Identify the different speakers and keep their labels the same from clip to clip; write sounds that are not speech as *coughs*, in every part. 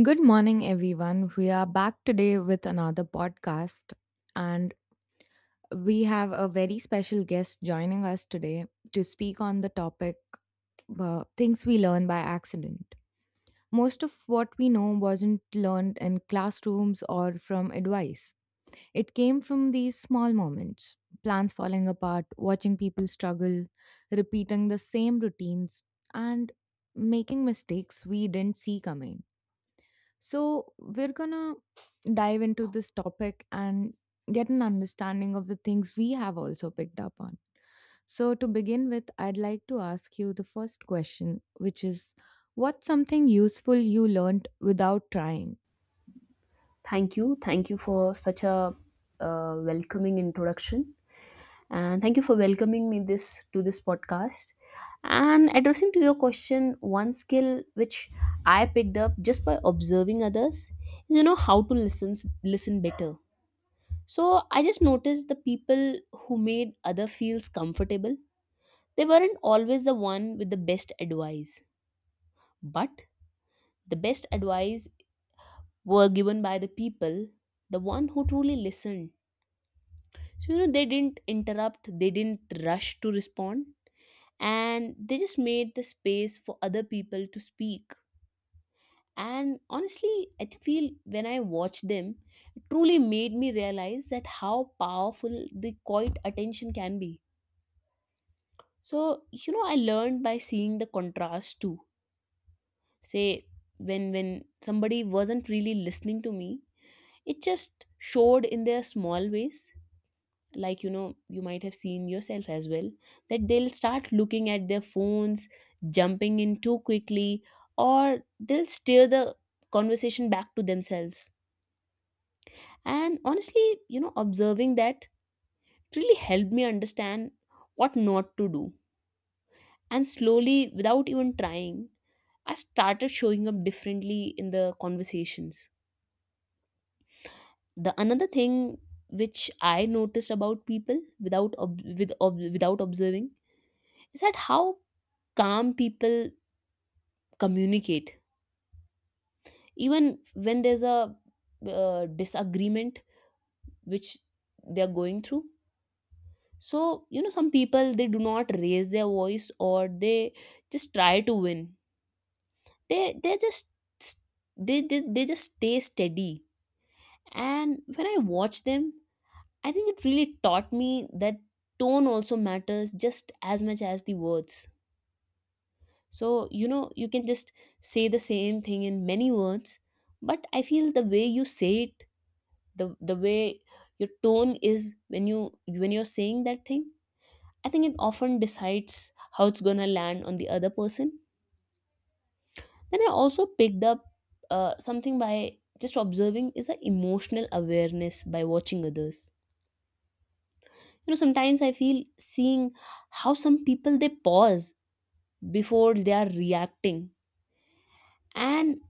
Speaker 1: Good morning, everyone. We are back today with another podcast, and we have a very special guest joining us today to speak on the topic things we learn by accident. Most of what we know wasn't learned in classrooms or from advice, it came from these small moments, plans falling apart, watching people struggle, repeating the same routines, and making mistakes we didn't see coming. So, we're gonna dive into this topic and get an understanding of the things we have also picked up on. So, to begin with, I'd like to ask you the first question, which is, what's something useful you learned without trying?
Speaker 2: Thank you. Thank you for such a welcoming introduction. And thank you for welcoming me this to this podcast. And addressing to your question, one skill which I picked up just by observing others is how to listen better. So I just noticed the people who made other feels comfortable. They weren't always the one with the best advice, but the best advice were given by the people, the one who truly listened. So, they didn't interrupt, they didn't rush to respond, and they just made the space for other people to speak. And honestly, I feel when I watched them, it truly made me realize that how powerful the quiet attention can be. So, I learned by seeing the contrast too. Say, when somebody wasn't really listening to me, it just showed in their small ways. Like you might have seen yourself as well, that they'll start looking at their phones, jumping in too quickly, or they'll steer the conversation back to themselves. And honestly, observing that really helped me understand what not to do. And slowly, without even trying, I started showing up differently in the conversations. The another thing which I noticed about people without ob- with ob- without observing is that how calm people communicate even when there's a disagreement which they're going through. So some people, they do not raise their voice or they just try to win. They they just they they, they just stay steady. And when I watch them, I think it really taught me that tone also matters just as much as the words. So, you can just say the same thing in many words, but I feel the way you say it, the way your tone is when you're saying that thing, I think it often decides how it's gonna land on the other person. Then I also picked up something by just observing is an emotional awareness by watching others. Sometimes I feel seeing how some people, they pause before they are reacting. And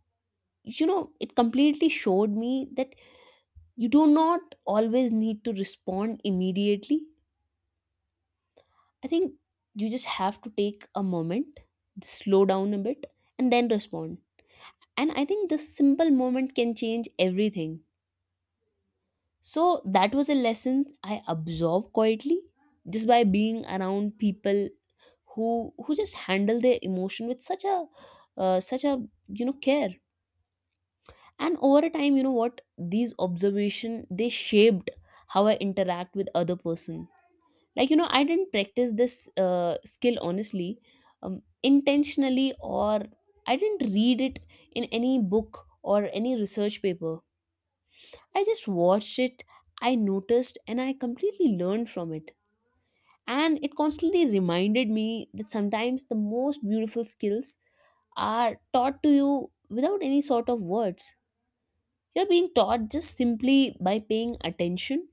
Speaker 2: it completely showed me that you do not always need to respond immediately. I think you just have to take a moment, slow down a bit, and then respond. And I think this simple moment can change everything. So that was a lesson I absorbed quietly, just by being around people who just handle their emotion with such a such a you know care. And over time, you know what these observation, they shaped how I interact with other person. Like I didn't practice this skill, honestly, intentionally, or I didn't read it in any book or any research paper. I just watched it, I noticed, and I completely learned from it. And it constantly reminded me that sometimes the most beautiful skills are taught to you without any sort of words. You're being taught just simply by paying attention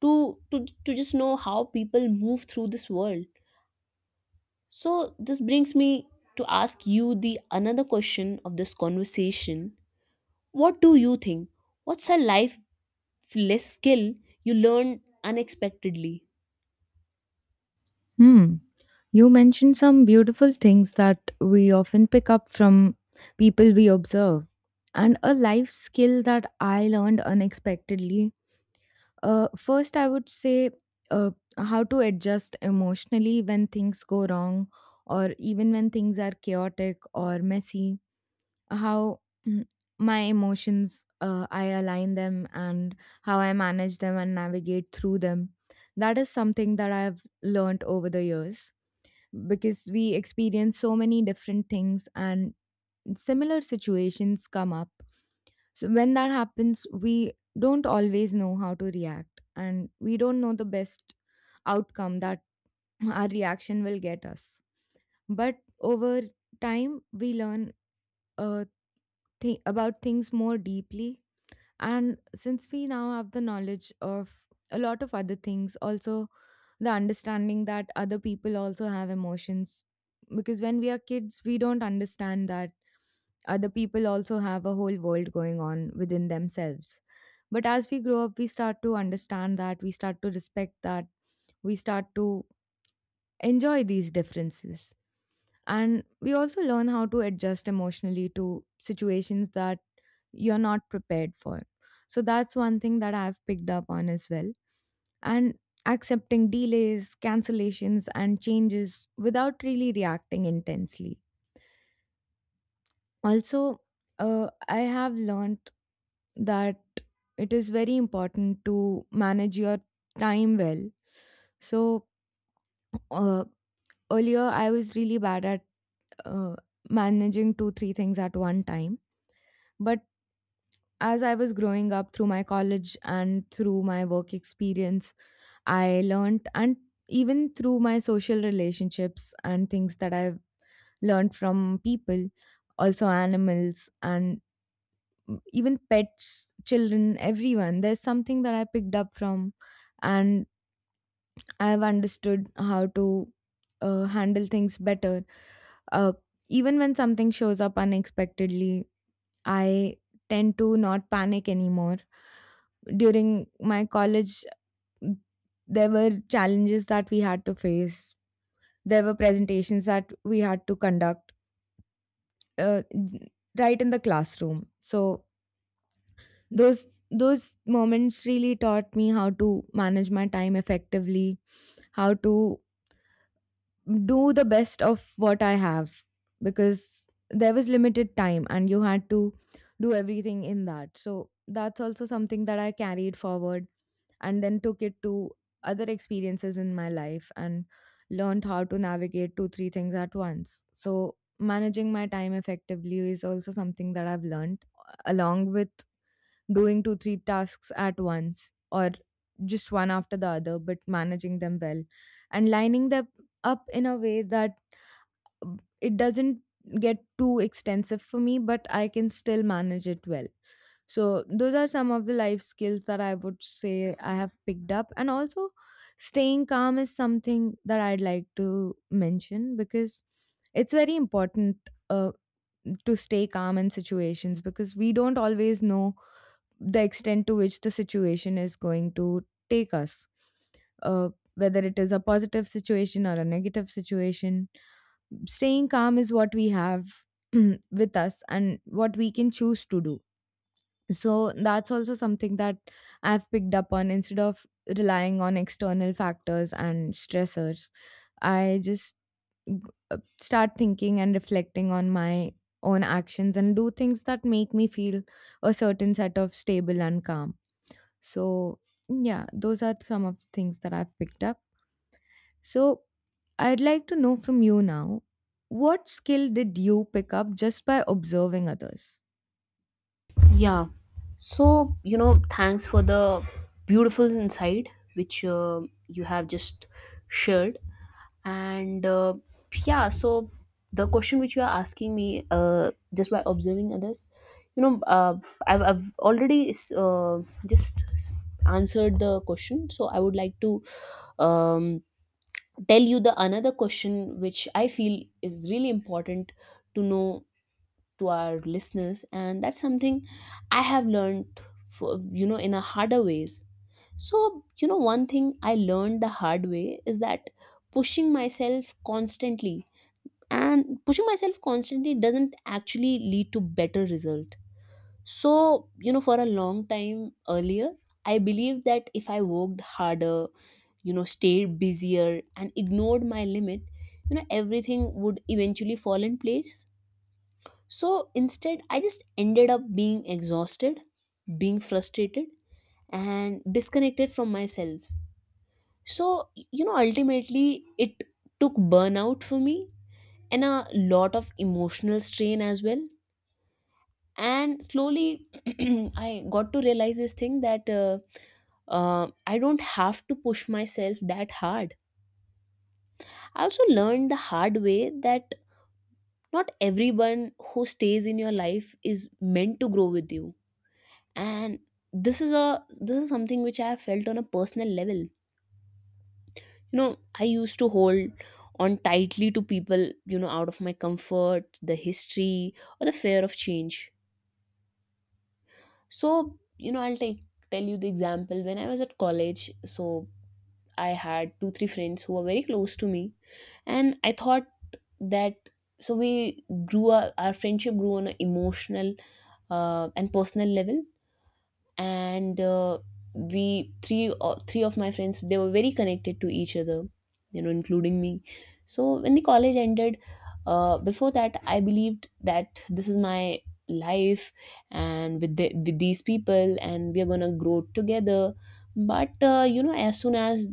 Speaker 2: to to, to just know how people move through this world. So this brings me to ask you the another question of this conversation. What do you think what's a life less skill you learned unexpectedly?
Speaker 1: Hmm. You mentioned some beautiful things that we often pick up from people we observe. And a life skill that I learned unexpectedly. First, I would say uh, how to adjust emotionally when things go wrong, or even when things are chaotic or messy. How, mm, my emotions, I align them and how I manage them and navigate through them. That is something that I've learned over the years, because we experience so many different things and similar situations come up. So when that happens, we don't always know how to react, and we don't know the best outcome that *clears throat* our reaction will get us. But over time, we learn uh, about things more deeply. And since we now have the knowledge of a lot of other things, also the understanding that other people also have emotions. Because when we are kids, we don't understand that other people also have a whole world going on within themselves. But as we grow up, we start to understand that, we start to respect that, we start to enjoy these differences. And we also learn how to adjust emotionally to situations that you're not prepared for. So that's one thing that I've picked up on as well. And accepting delays, cancellations, and changes without really reacting intensely also, I have learned that it is very important to manage your time well. So, uh, earlier I was really bad at uh, managing two, three things at one time. But as I was growing up through my college and through my work experience, I learned, and even through my social relationships and things that I've learned from people, also animals and even pets, children, everyone. There's something that I picked up from, and I've understood how to handle things better. Uh, Even when something shows up unexpectedly, I tend to not panic anymore. During my college, there were challenges that we had to face, there were presentations that we had to conduct uh, right in the classroom. So, those moments really taught me how to manage my time effectively, how to do the best of what I have, because there was limited time and you had to do everything in that. So that's also something that I carried forward and then took it to other experiences in my life and learned how to navigate two, three things at once. So managing my time effectively is also something that I've learned, along with doing two, three tasks at once or just one after the other, but managing them well and lining them up in a way that, it doesn't get too extensive for me, but I can still manage it well. So, those are some of the life skills that I would say I have picked up. And also, staying calm is something that I'd like to mention, because it's very important uh, to stay calm in situations, because we don't always know the extent to which the situation is going to take us, uh, whether it is a positive situation or a negative situation. Staying calm is what we have *clears throat* with us and what we can choose to do. So that's also something that I've picked up on, instead of relying on external factors and stressors. I just g- start thinking and reflecting on my own actions and do things that make me feel a certain set of stable and calm. So, yeah, those are some of the things that I've picked up. So, I'd like to know from you now, what skill did you pick up just by observing others?
Speaker 2: Yeah. So, thanks for the beautiful insight which you have just shared. And yeah, so the question which you are asking me, just by observing others, you know, uh, I've already just answered the question. So I would like to um, tell you the another question which I feel is really important to know to our listeners. And that's something I have learned for, you know in a harder ways. So one thing I learned the hard way is that pushing myself constantly and pushing myself constantly doesn't actually lead to better result. So for a long time earlier, I believed that if I worked harder, stayed busier, and ignored my limit, everything would eventually fall in place. So instead, I just ended up being exhausted, being frustrated, and disconnected from myself. So, ultimately, it took burnout for me and a lot of emotional strain as well. And slowly, *clears throat* I got to realize this thing that I don't have to push myself that hard. I also learned the hard way that not everyone who stays in your life is meant to grow with you. And this is something which I have felt on a personal level. I used to hold on tightly to people, out of my comfort, the history or the fear of change. So I'll take tell you the example when I was at college. So I had two three friends who were very close to me, and I thought that so our friendship grew on an emotional and personal level. And we three three of my friends, they were very connected to each other, including me. So when the college ended, before that I believed that this is my life, and with these people, and we are going to grow together. But as soon as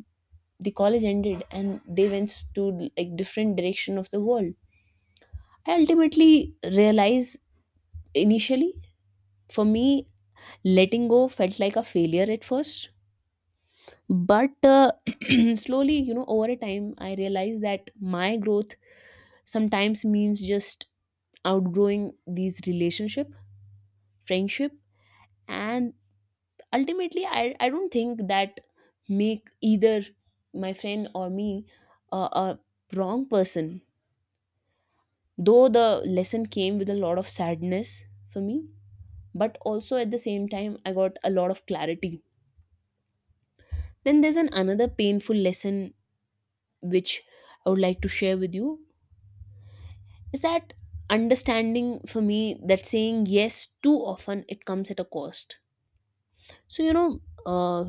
Speaker 2: the college ended and they went to like different direction of the world, I ultimately realized, initially for me, letting go felt like a failure at first. But *clears throat* slowly, over a time I realized that my growth sometimes means just outgrowing these relationship, friendship. And ultimately, I don't think that make either my friend or me a wrong person. Though the lesson came with a lot of sadness for me, but also at the same time I got a lot of clarity. Then there's an another painful lesson which I would like to share with you, is that understanding for me that saying yes too often, it comes at a cost. So uh,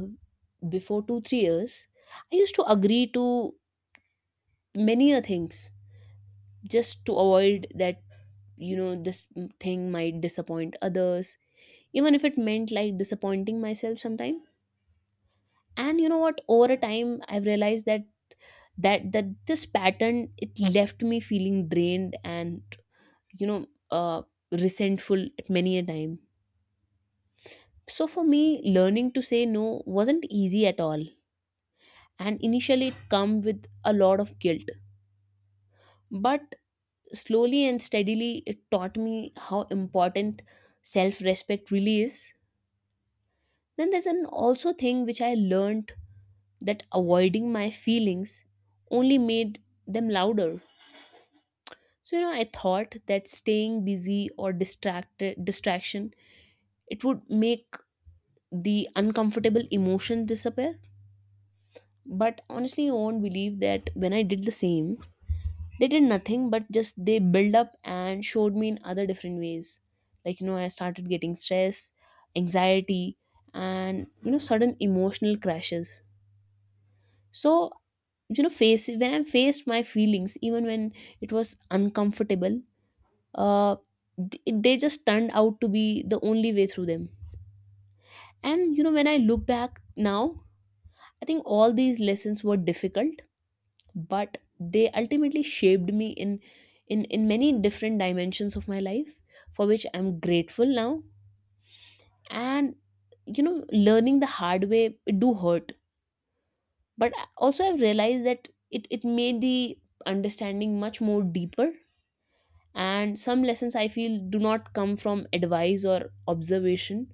Speaker 2: before two three years, I used to agree to many a things, just to avoid that, this thing might disappoint others, even if it meant like disappointing myself sometime. And you know what over a time, I've realized that that this pattern, it left me feeling drained and you know uh, resentful at many a time. So for me, learning to say no wasn't easy at all. And initially it come with a lot of guilt. But slowly and steadily, it taught me how important self-respect really is. Then there's an also thing which I learned, that avoiding my feelings only made them louder. So I thought that staying busy or distracted distraction, it would make the uncomfortable emotion disappear. But honestly, you won't believe that when I did the same, they did nothing but just they build up and showed me in other different ways. Like I started getting stress, anxiety, and sudden emotional crashes. So you know face when I faced my feelings, even when it was uncomfortable, uh they just turned out to be the only way through them. And when I look back now, I think all these lessons were difficult, but they ultimately shaped me in many different dimensions of my life, for which I'm grateful now. And learning the hard way, it do hurt. But also, I've realized that it made the understanding much more deeper. And some lessons, I feel, do not come from advice or observation.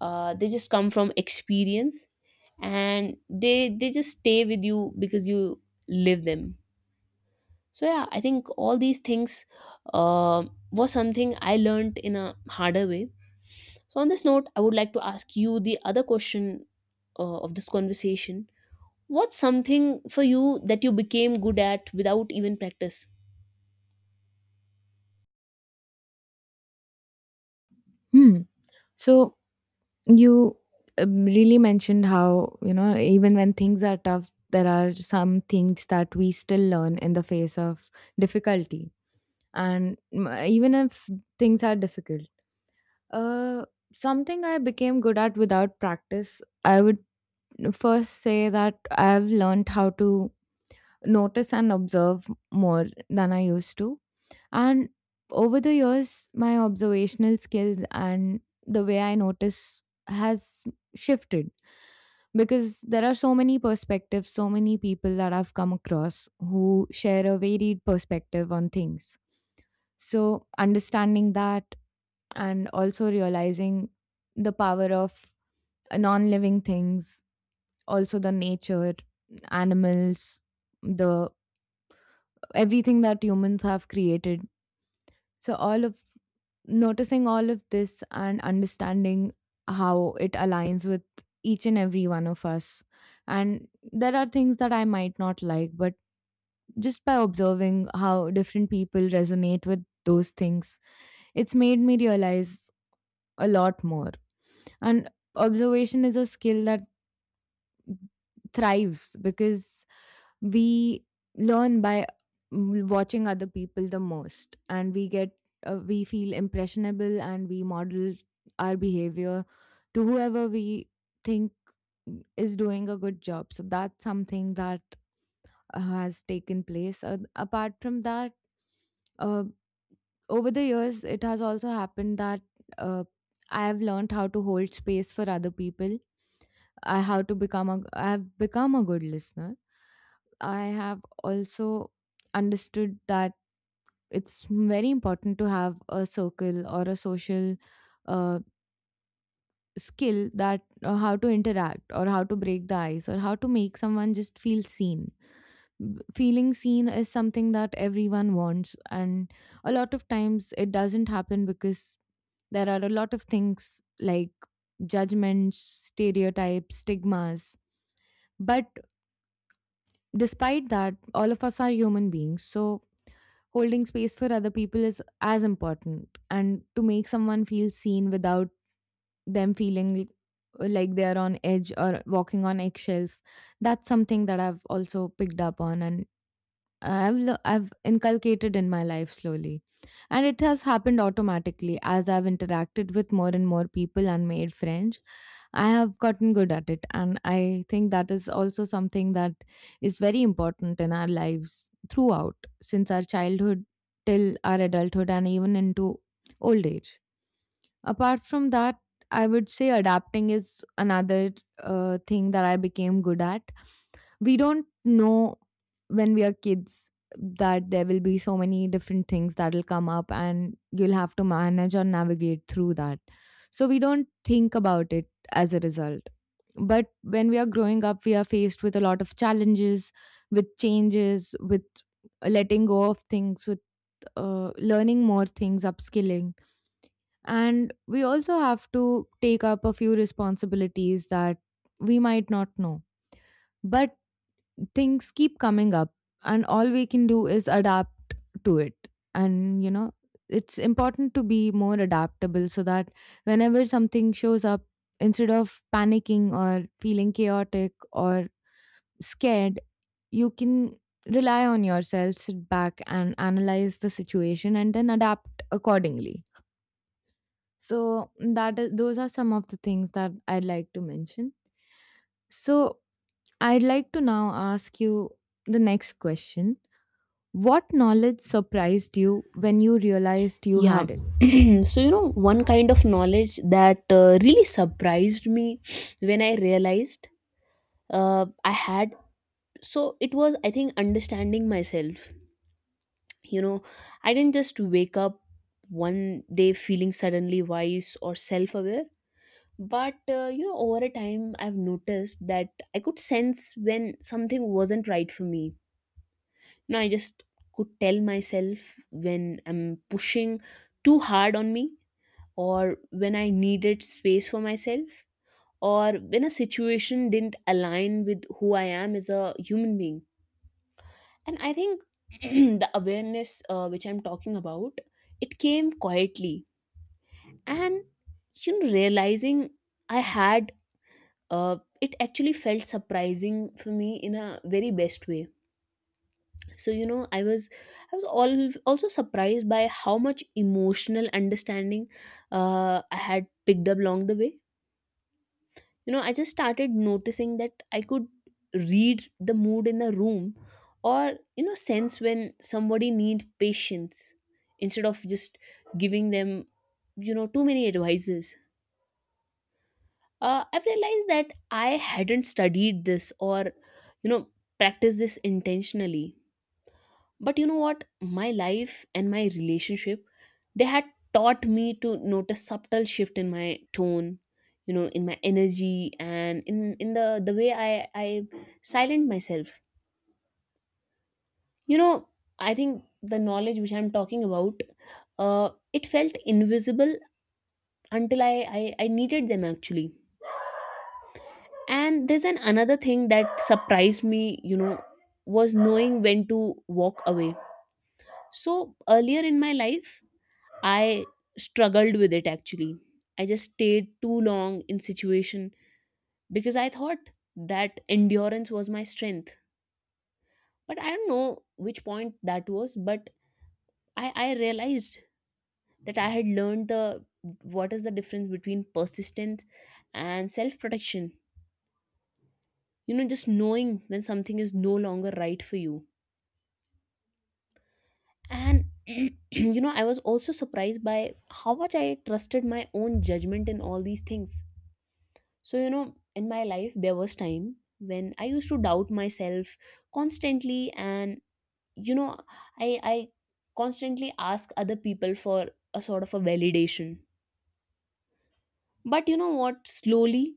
Speaker 2: They just come from experience, and they just stay with you because you live them. So yeah, I think all these things uh, was something I learned in a harder way. So on this note, I would like to ask you the other question of this conversation. What's something for you that you became good at without even practice?
Speaker 1: Hmm. So, you really mentioned how, you know, even when things are tough, there are some things that we still learn in the face of difficulty. And, even if things are difficult, uh, something I became good at without practice, I would first say that I've learned how to notice and observe more than I used to. And over the years, my observational skills and the way I notice has shifted, because there are so many perspectives, so many people that I've come across who share a varied perspective on things. So, understanding that, and also realizing the power of non living things, also the nature, animals, the everything that humans have created. So all of noticing all of this and understanding how it aligns with each and every one of us. And there are things that I might not like, but just by observing how different people resonate with those things, it's made me realize a lot more. And observation is a skill that thrives because we learn by, watching other people the most, and we get, we feel impressionable and we model our behavior to whoever we think is doing a good job. So that's something that has taken place, apart from that, uh, over the years it has also happened that uh, I have learned how to hold space for other people. I have become a good listener. I have also understood that it's very important to have a circle or a social uh, skill, that how to interact or how to break the ice or how to make someone just feel seen. Feeling seen is something that everyone wants, and a lot of times it doesn't happen because there are a lot of things like judgments, stereotypes, stigmas. But despite that, all of us are human beings, so holding space for other people is as important. And to make someone feel seen without them feeling like they are on edge or walking on eggshells, that's something that I've also picked up on, and I've inculcated in my life slowly. And it has happened automatically as I've interacted with more and more people and made friends. I have gotten good at it. And I think that is also something that is very important in our lives throughout, since our childhood till our adulthood and even into old age. Apart from that, I would say adapting is another thing that I became good at. We don't know when we are kids that there will be so many different things that will come up, and you'll have to manage or navigate through that. So we don't think about it as a result. But when we are growing up, we are faced with a lot of challenges, with changes, with letting go of things, with learning more things, upskilling, and we also have to take up a few responsibilities that we might not know. But things keep coming up, and all we can do is adapt to it. And, you know, it's important to be more adaptable, so that whenever something shows up, instead of panicking or feeling chaotic or scared, you can rely on yourself, sit back and analyze the situation, and then adapt accordingly. So that is those are some of the things that I'd like to mention. So I'd like to now ask you the next question. What knowledge surprised you when you realized you
Speaker 2: Yeah.
Speaker 1: had it?
Speaker 2: *clears throat* So one kind of knowledge that really surprised me *sniffs* when I realized I had, so it was, I think, understanding myself. you know I didn't just wake up one day feeling suddenly wise or self-aware. But over a time, I've noticed that I could sense when something wasn't right for me. I just could tell myself when I'm pushing too hard on me, or when I needed space for myself, or when a situation didn't align with who I am as a human being. And I think *clears throat* the awareness which I'm talking about, it came quietly. And realizing I had uh, it actually felt surprising for me in a very best way. So I was all also surprised by how much emotional understanding I had picked up along the way. I just started noticing that I could read the mood in the room or you Know sense when somebody needs patience instead of just giving them too many advices. I've realized that I hadn't studied this or you know practiced this intentionally. But you know what, my life and my relationship, they had taught me to notice subtle shift in my tone, in my energy, and in the way I silent myself. you know I think the knowledge which I'm talking about, uh it felt invisible until I needed them actually. And there's an another thing that surprised me, was knowing when to walk away. So earlier in my life, I struggled with it actually. I just stayed too long in situation because I thought that endurance was my strength. But I don't know which point that was, but I realized that I had learned the what is the difference between persistence and self protection. You know, just knowing when something is no longer right for you. And *clears throat* you know, I was also surprised by how much I trusted my own judgment in all these things. So, you know, in my life, there was time when I used to doubt myself constantly, and you know, I constantly ask other people for a sort of a validation. But you know what? Slowly,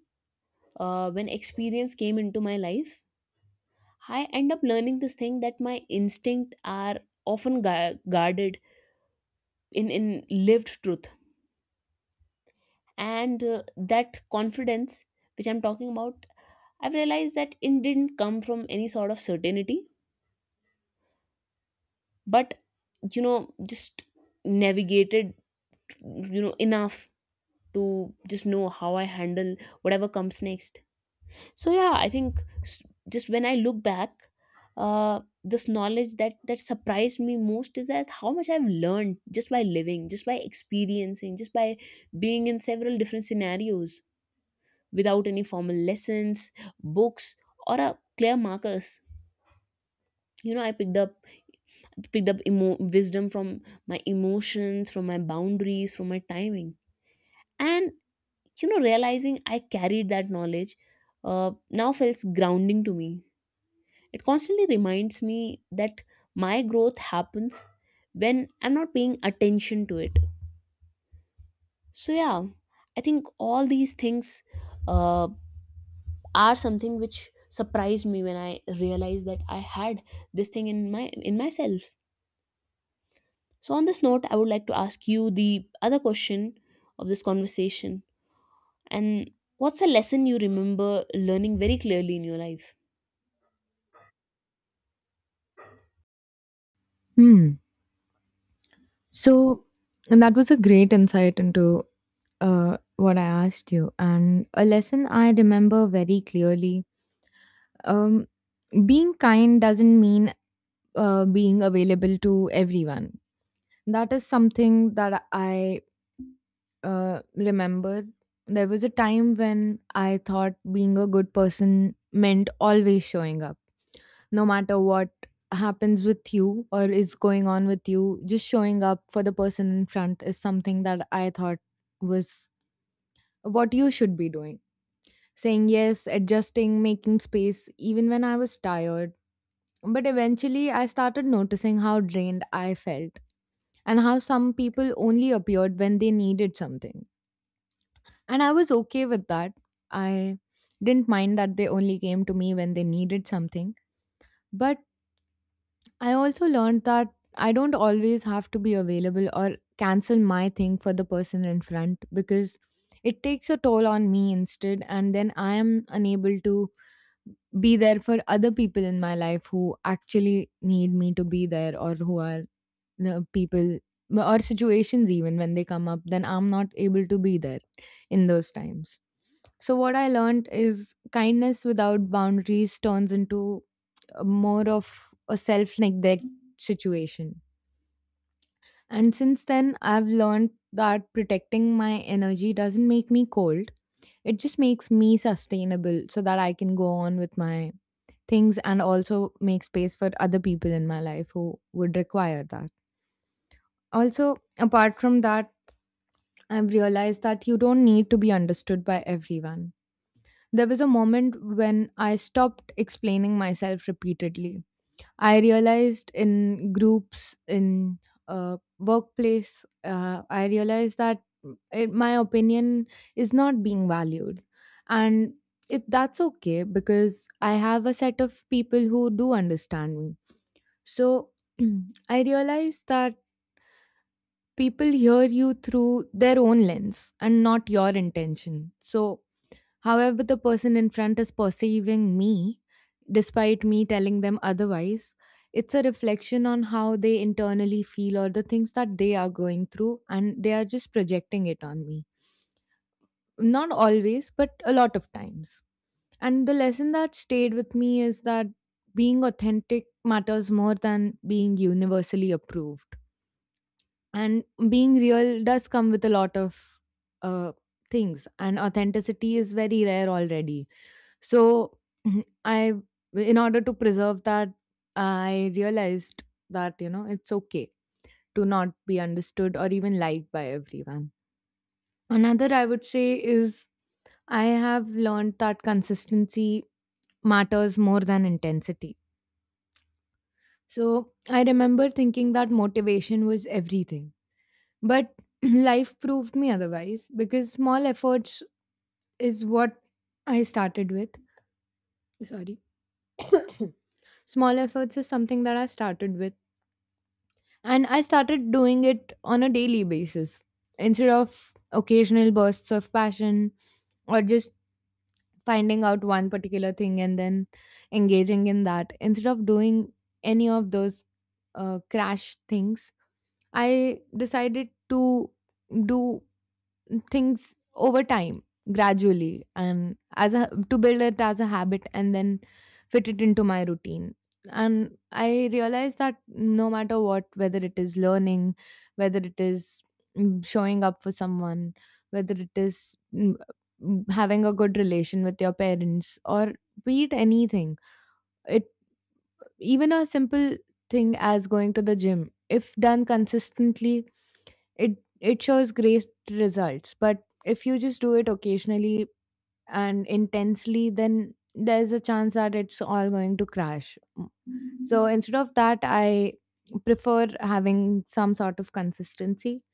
Speaker 2: when experience came into my life, I end up learning this thing that my instinct are often guarded in lived truth, and that confidence which I'm talking about, I've realized that it didn't come from any sort of certainty, but just navigated enough to just know how I handle whatever comes next. So yeah, I think just when I look back, this knowledge that surprised me most is that how much I've learned just by living, just by experiencing, just by being in several different scenarios without any formal lessons, books, or a clear markers. You know, I picked up wisdom from my emotions, from my boundaries, from my timing. And, you know, realizing I carried that knowledge now feels grounding to me. It constantly reminds me that my growth happens when I'm not paying attention to it. So, yeah, I think all these things uh, are something which surprised me when I realized that I had this thing in my in myself. So, on this note, I would like to ask you the other question of this conversation. And what's a lesson you remember learning very clearly in your life?
Speaker 1: Hmm. So, and that was a great insight into what I asked you. And a lesson I remember very clearly, um, being kind doesn't mean being available to everyone. That is something that I, remember. There was a time when I thought being a good person meant always showing up, no matter what happens with you or is going on with you. Just showing up for the person in front is something that I thought was what you should be doing. Saying yes, adjusting, making space, even when I was tired. But eventually, I started noticing how drained I felt and how some people only appeared when they needed something. And I was okay with that. I didn't mind that they only came to me when they needed something. But I also learned that I don't always have to be available or cancel my thing for the person in front, because it takes a toll on me instead. And then I am unable to be there for other people in my life who actually need me to be there or who are no, people or situations. Even when they come up, then I'm not able to be there in those times. So what I learned is kindness without boundaries turns into a more of a self neglect situation. And since then I've learned that protecting my energy doesn't make me cold, it just makes me sustainable, so that I can go on with my things and also make space for other people in my life who would require that. Also, apart from that, I've realized that you don't need to be understood by everyone. There was a moment when I stopped explaining myself repeatedly. I realized in groups, in workplace, I realized that my opinion is not being valued. And that's okay because I have a set of people who do understand me. So *clears throat* I realized that people hear you through their own lens and not your intention. So, however the person in front is perceiving me, despite me telling them otherwise, it's a reflection on how they internally feel or the things that they are going through, and they are just projecting it on me. Not always, but a lot of times. And the lesson that stayed with me is that being authentic matters more than being universally approved, and being real does come with a lot of uh, things, and authenticity is very rare already. So, *clears throat* I, in order to preserve that, I realized that, you know, it's okay to not be understood or even liked by everyone. Another, I would say, is I have learned that consistency matters more than intensity. So I remember thinking that motivation was everything. But *laughs* *clears throat* life proved me otherwise, because small efforts is what I started with. Sorry. *coughs* Small efforts is something that I started with. And I started doing it on a daily basis instead of occasional bursts of passion, or just finding out one particular thing and then engaging in that. Instead of doing any of those crash things, I decided to do things over time gradually, and as a to build it as a habit and then fit it into my routine. And I realized that no matter what, whether it is learning, whether it is showing up for someone, whether it is having a good relation with your parents, or be it anything, it even a simple thing as going to the gym, if done consistently, it it shows great results. But if you just do it occasionally and intensely, then there's a chance that it's all going to crash. Mm. So instead of that, I prefer having some sort of consistency.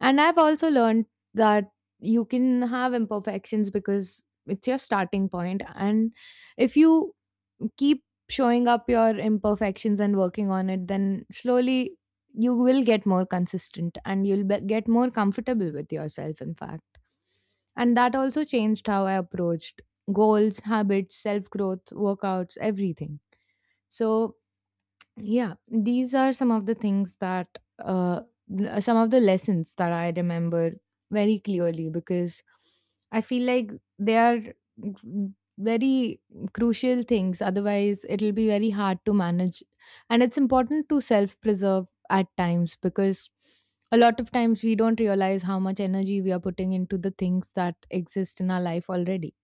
Speaker 1: And I've also learned that you can have imperfections because it's your starting point. And if you keep showing up your imperfections and working on it, then slowly you will get more consistent and you'll get more comfortable with yourself, in fact. And that also changed how I approached goals, habits, self growth, workouts, everything. So yeah, these are some of the things that, uh, some of the lessons that I remember very clearly because I feel like they are g- very crucial things. Otherwise, it'll be very hard to manage. And it's important to self preserve at times, because a lot of times we don't realize how much energy we are putting into the things that exist in our life already.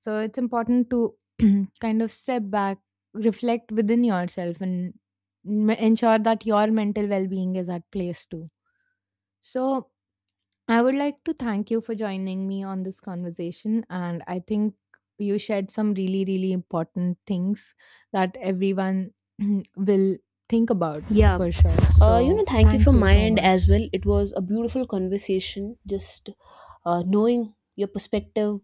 Speaker 1: So it's important to *clears throat* kind of step back, reflect within yourself, and ensure that your mental well being is at place too. So I would like to thank you for joining me on this conversation. And I think you shared some really, really important things that everyone *clears throat* will think about
Speaker 2: Yeah,
Speaker 1: for sure.
Speaker 2: you know,
Speaker 1: So
Speaker 2: thank you
Speaker 1: thank
Speaker 2: from
Speaker 1: you
Speaker 2: my
Speaker 1: so
Speaker 2: end as
Speaker 1: much.
Speaker 2: well. It was a beautiful conversation, just knowing your perspective,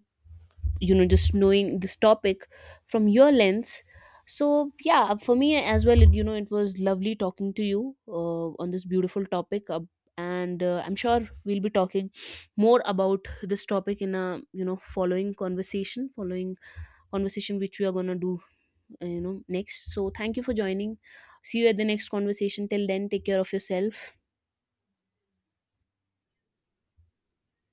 Speaker 2: you know, just knowing this topic from your lens. So yeah, for me as well, it, you know, it was lovely talking to you on this beautiful topic. And I'm sure we'll be talking more about this topic in a, you know, following conversation, which we are going to do you know next. So thank you for joining. See you at the next conversation. Till then, take care of yourself.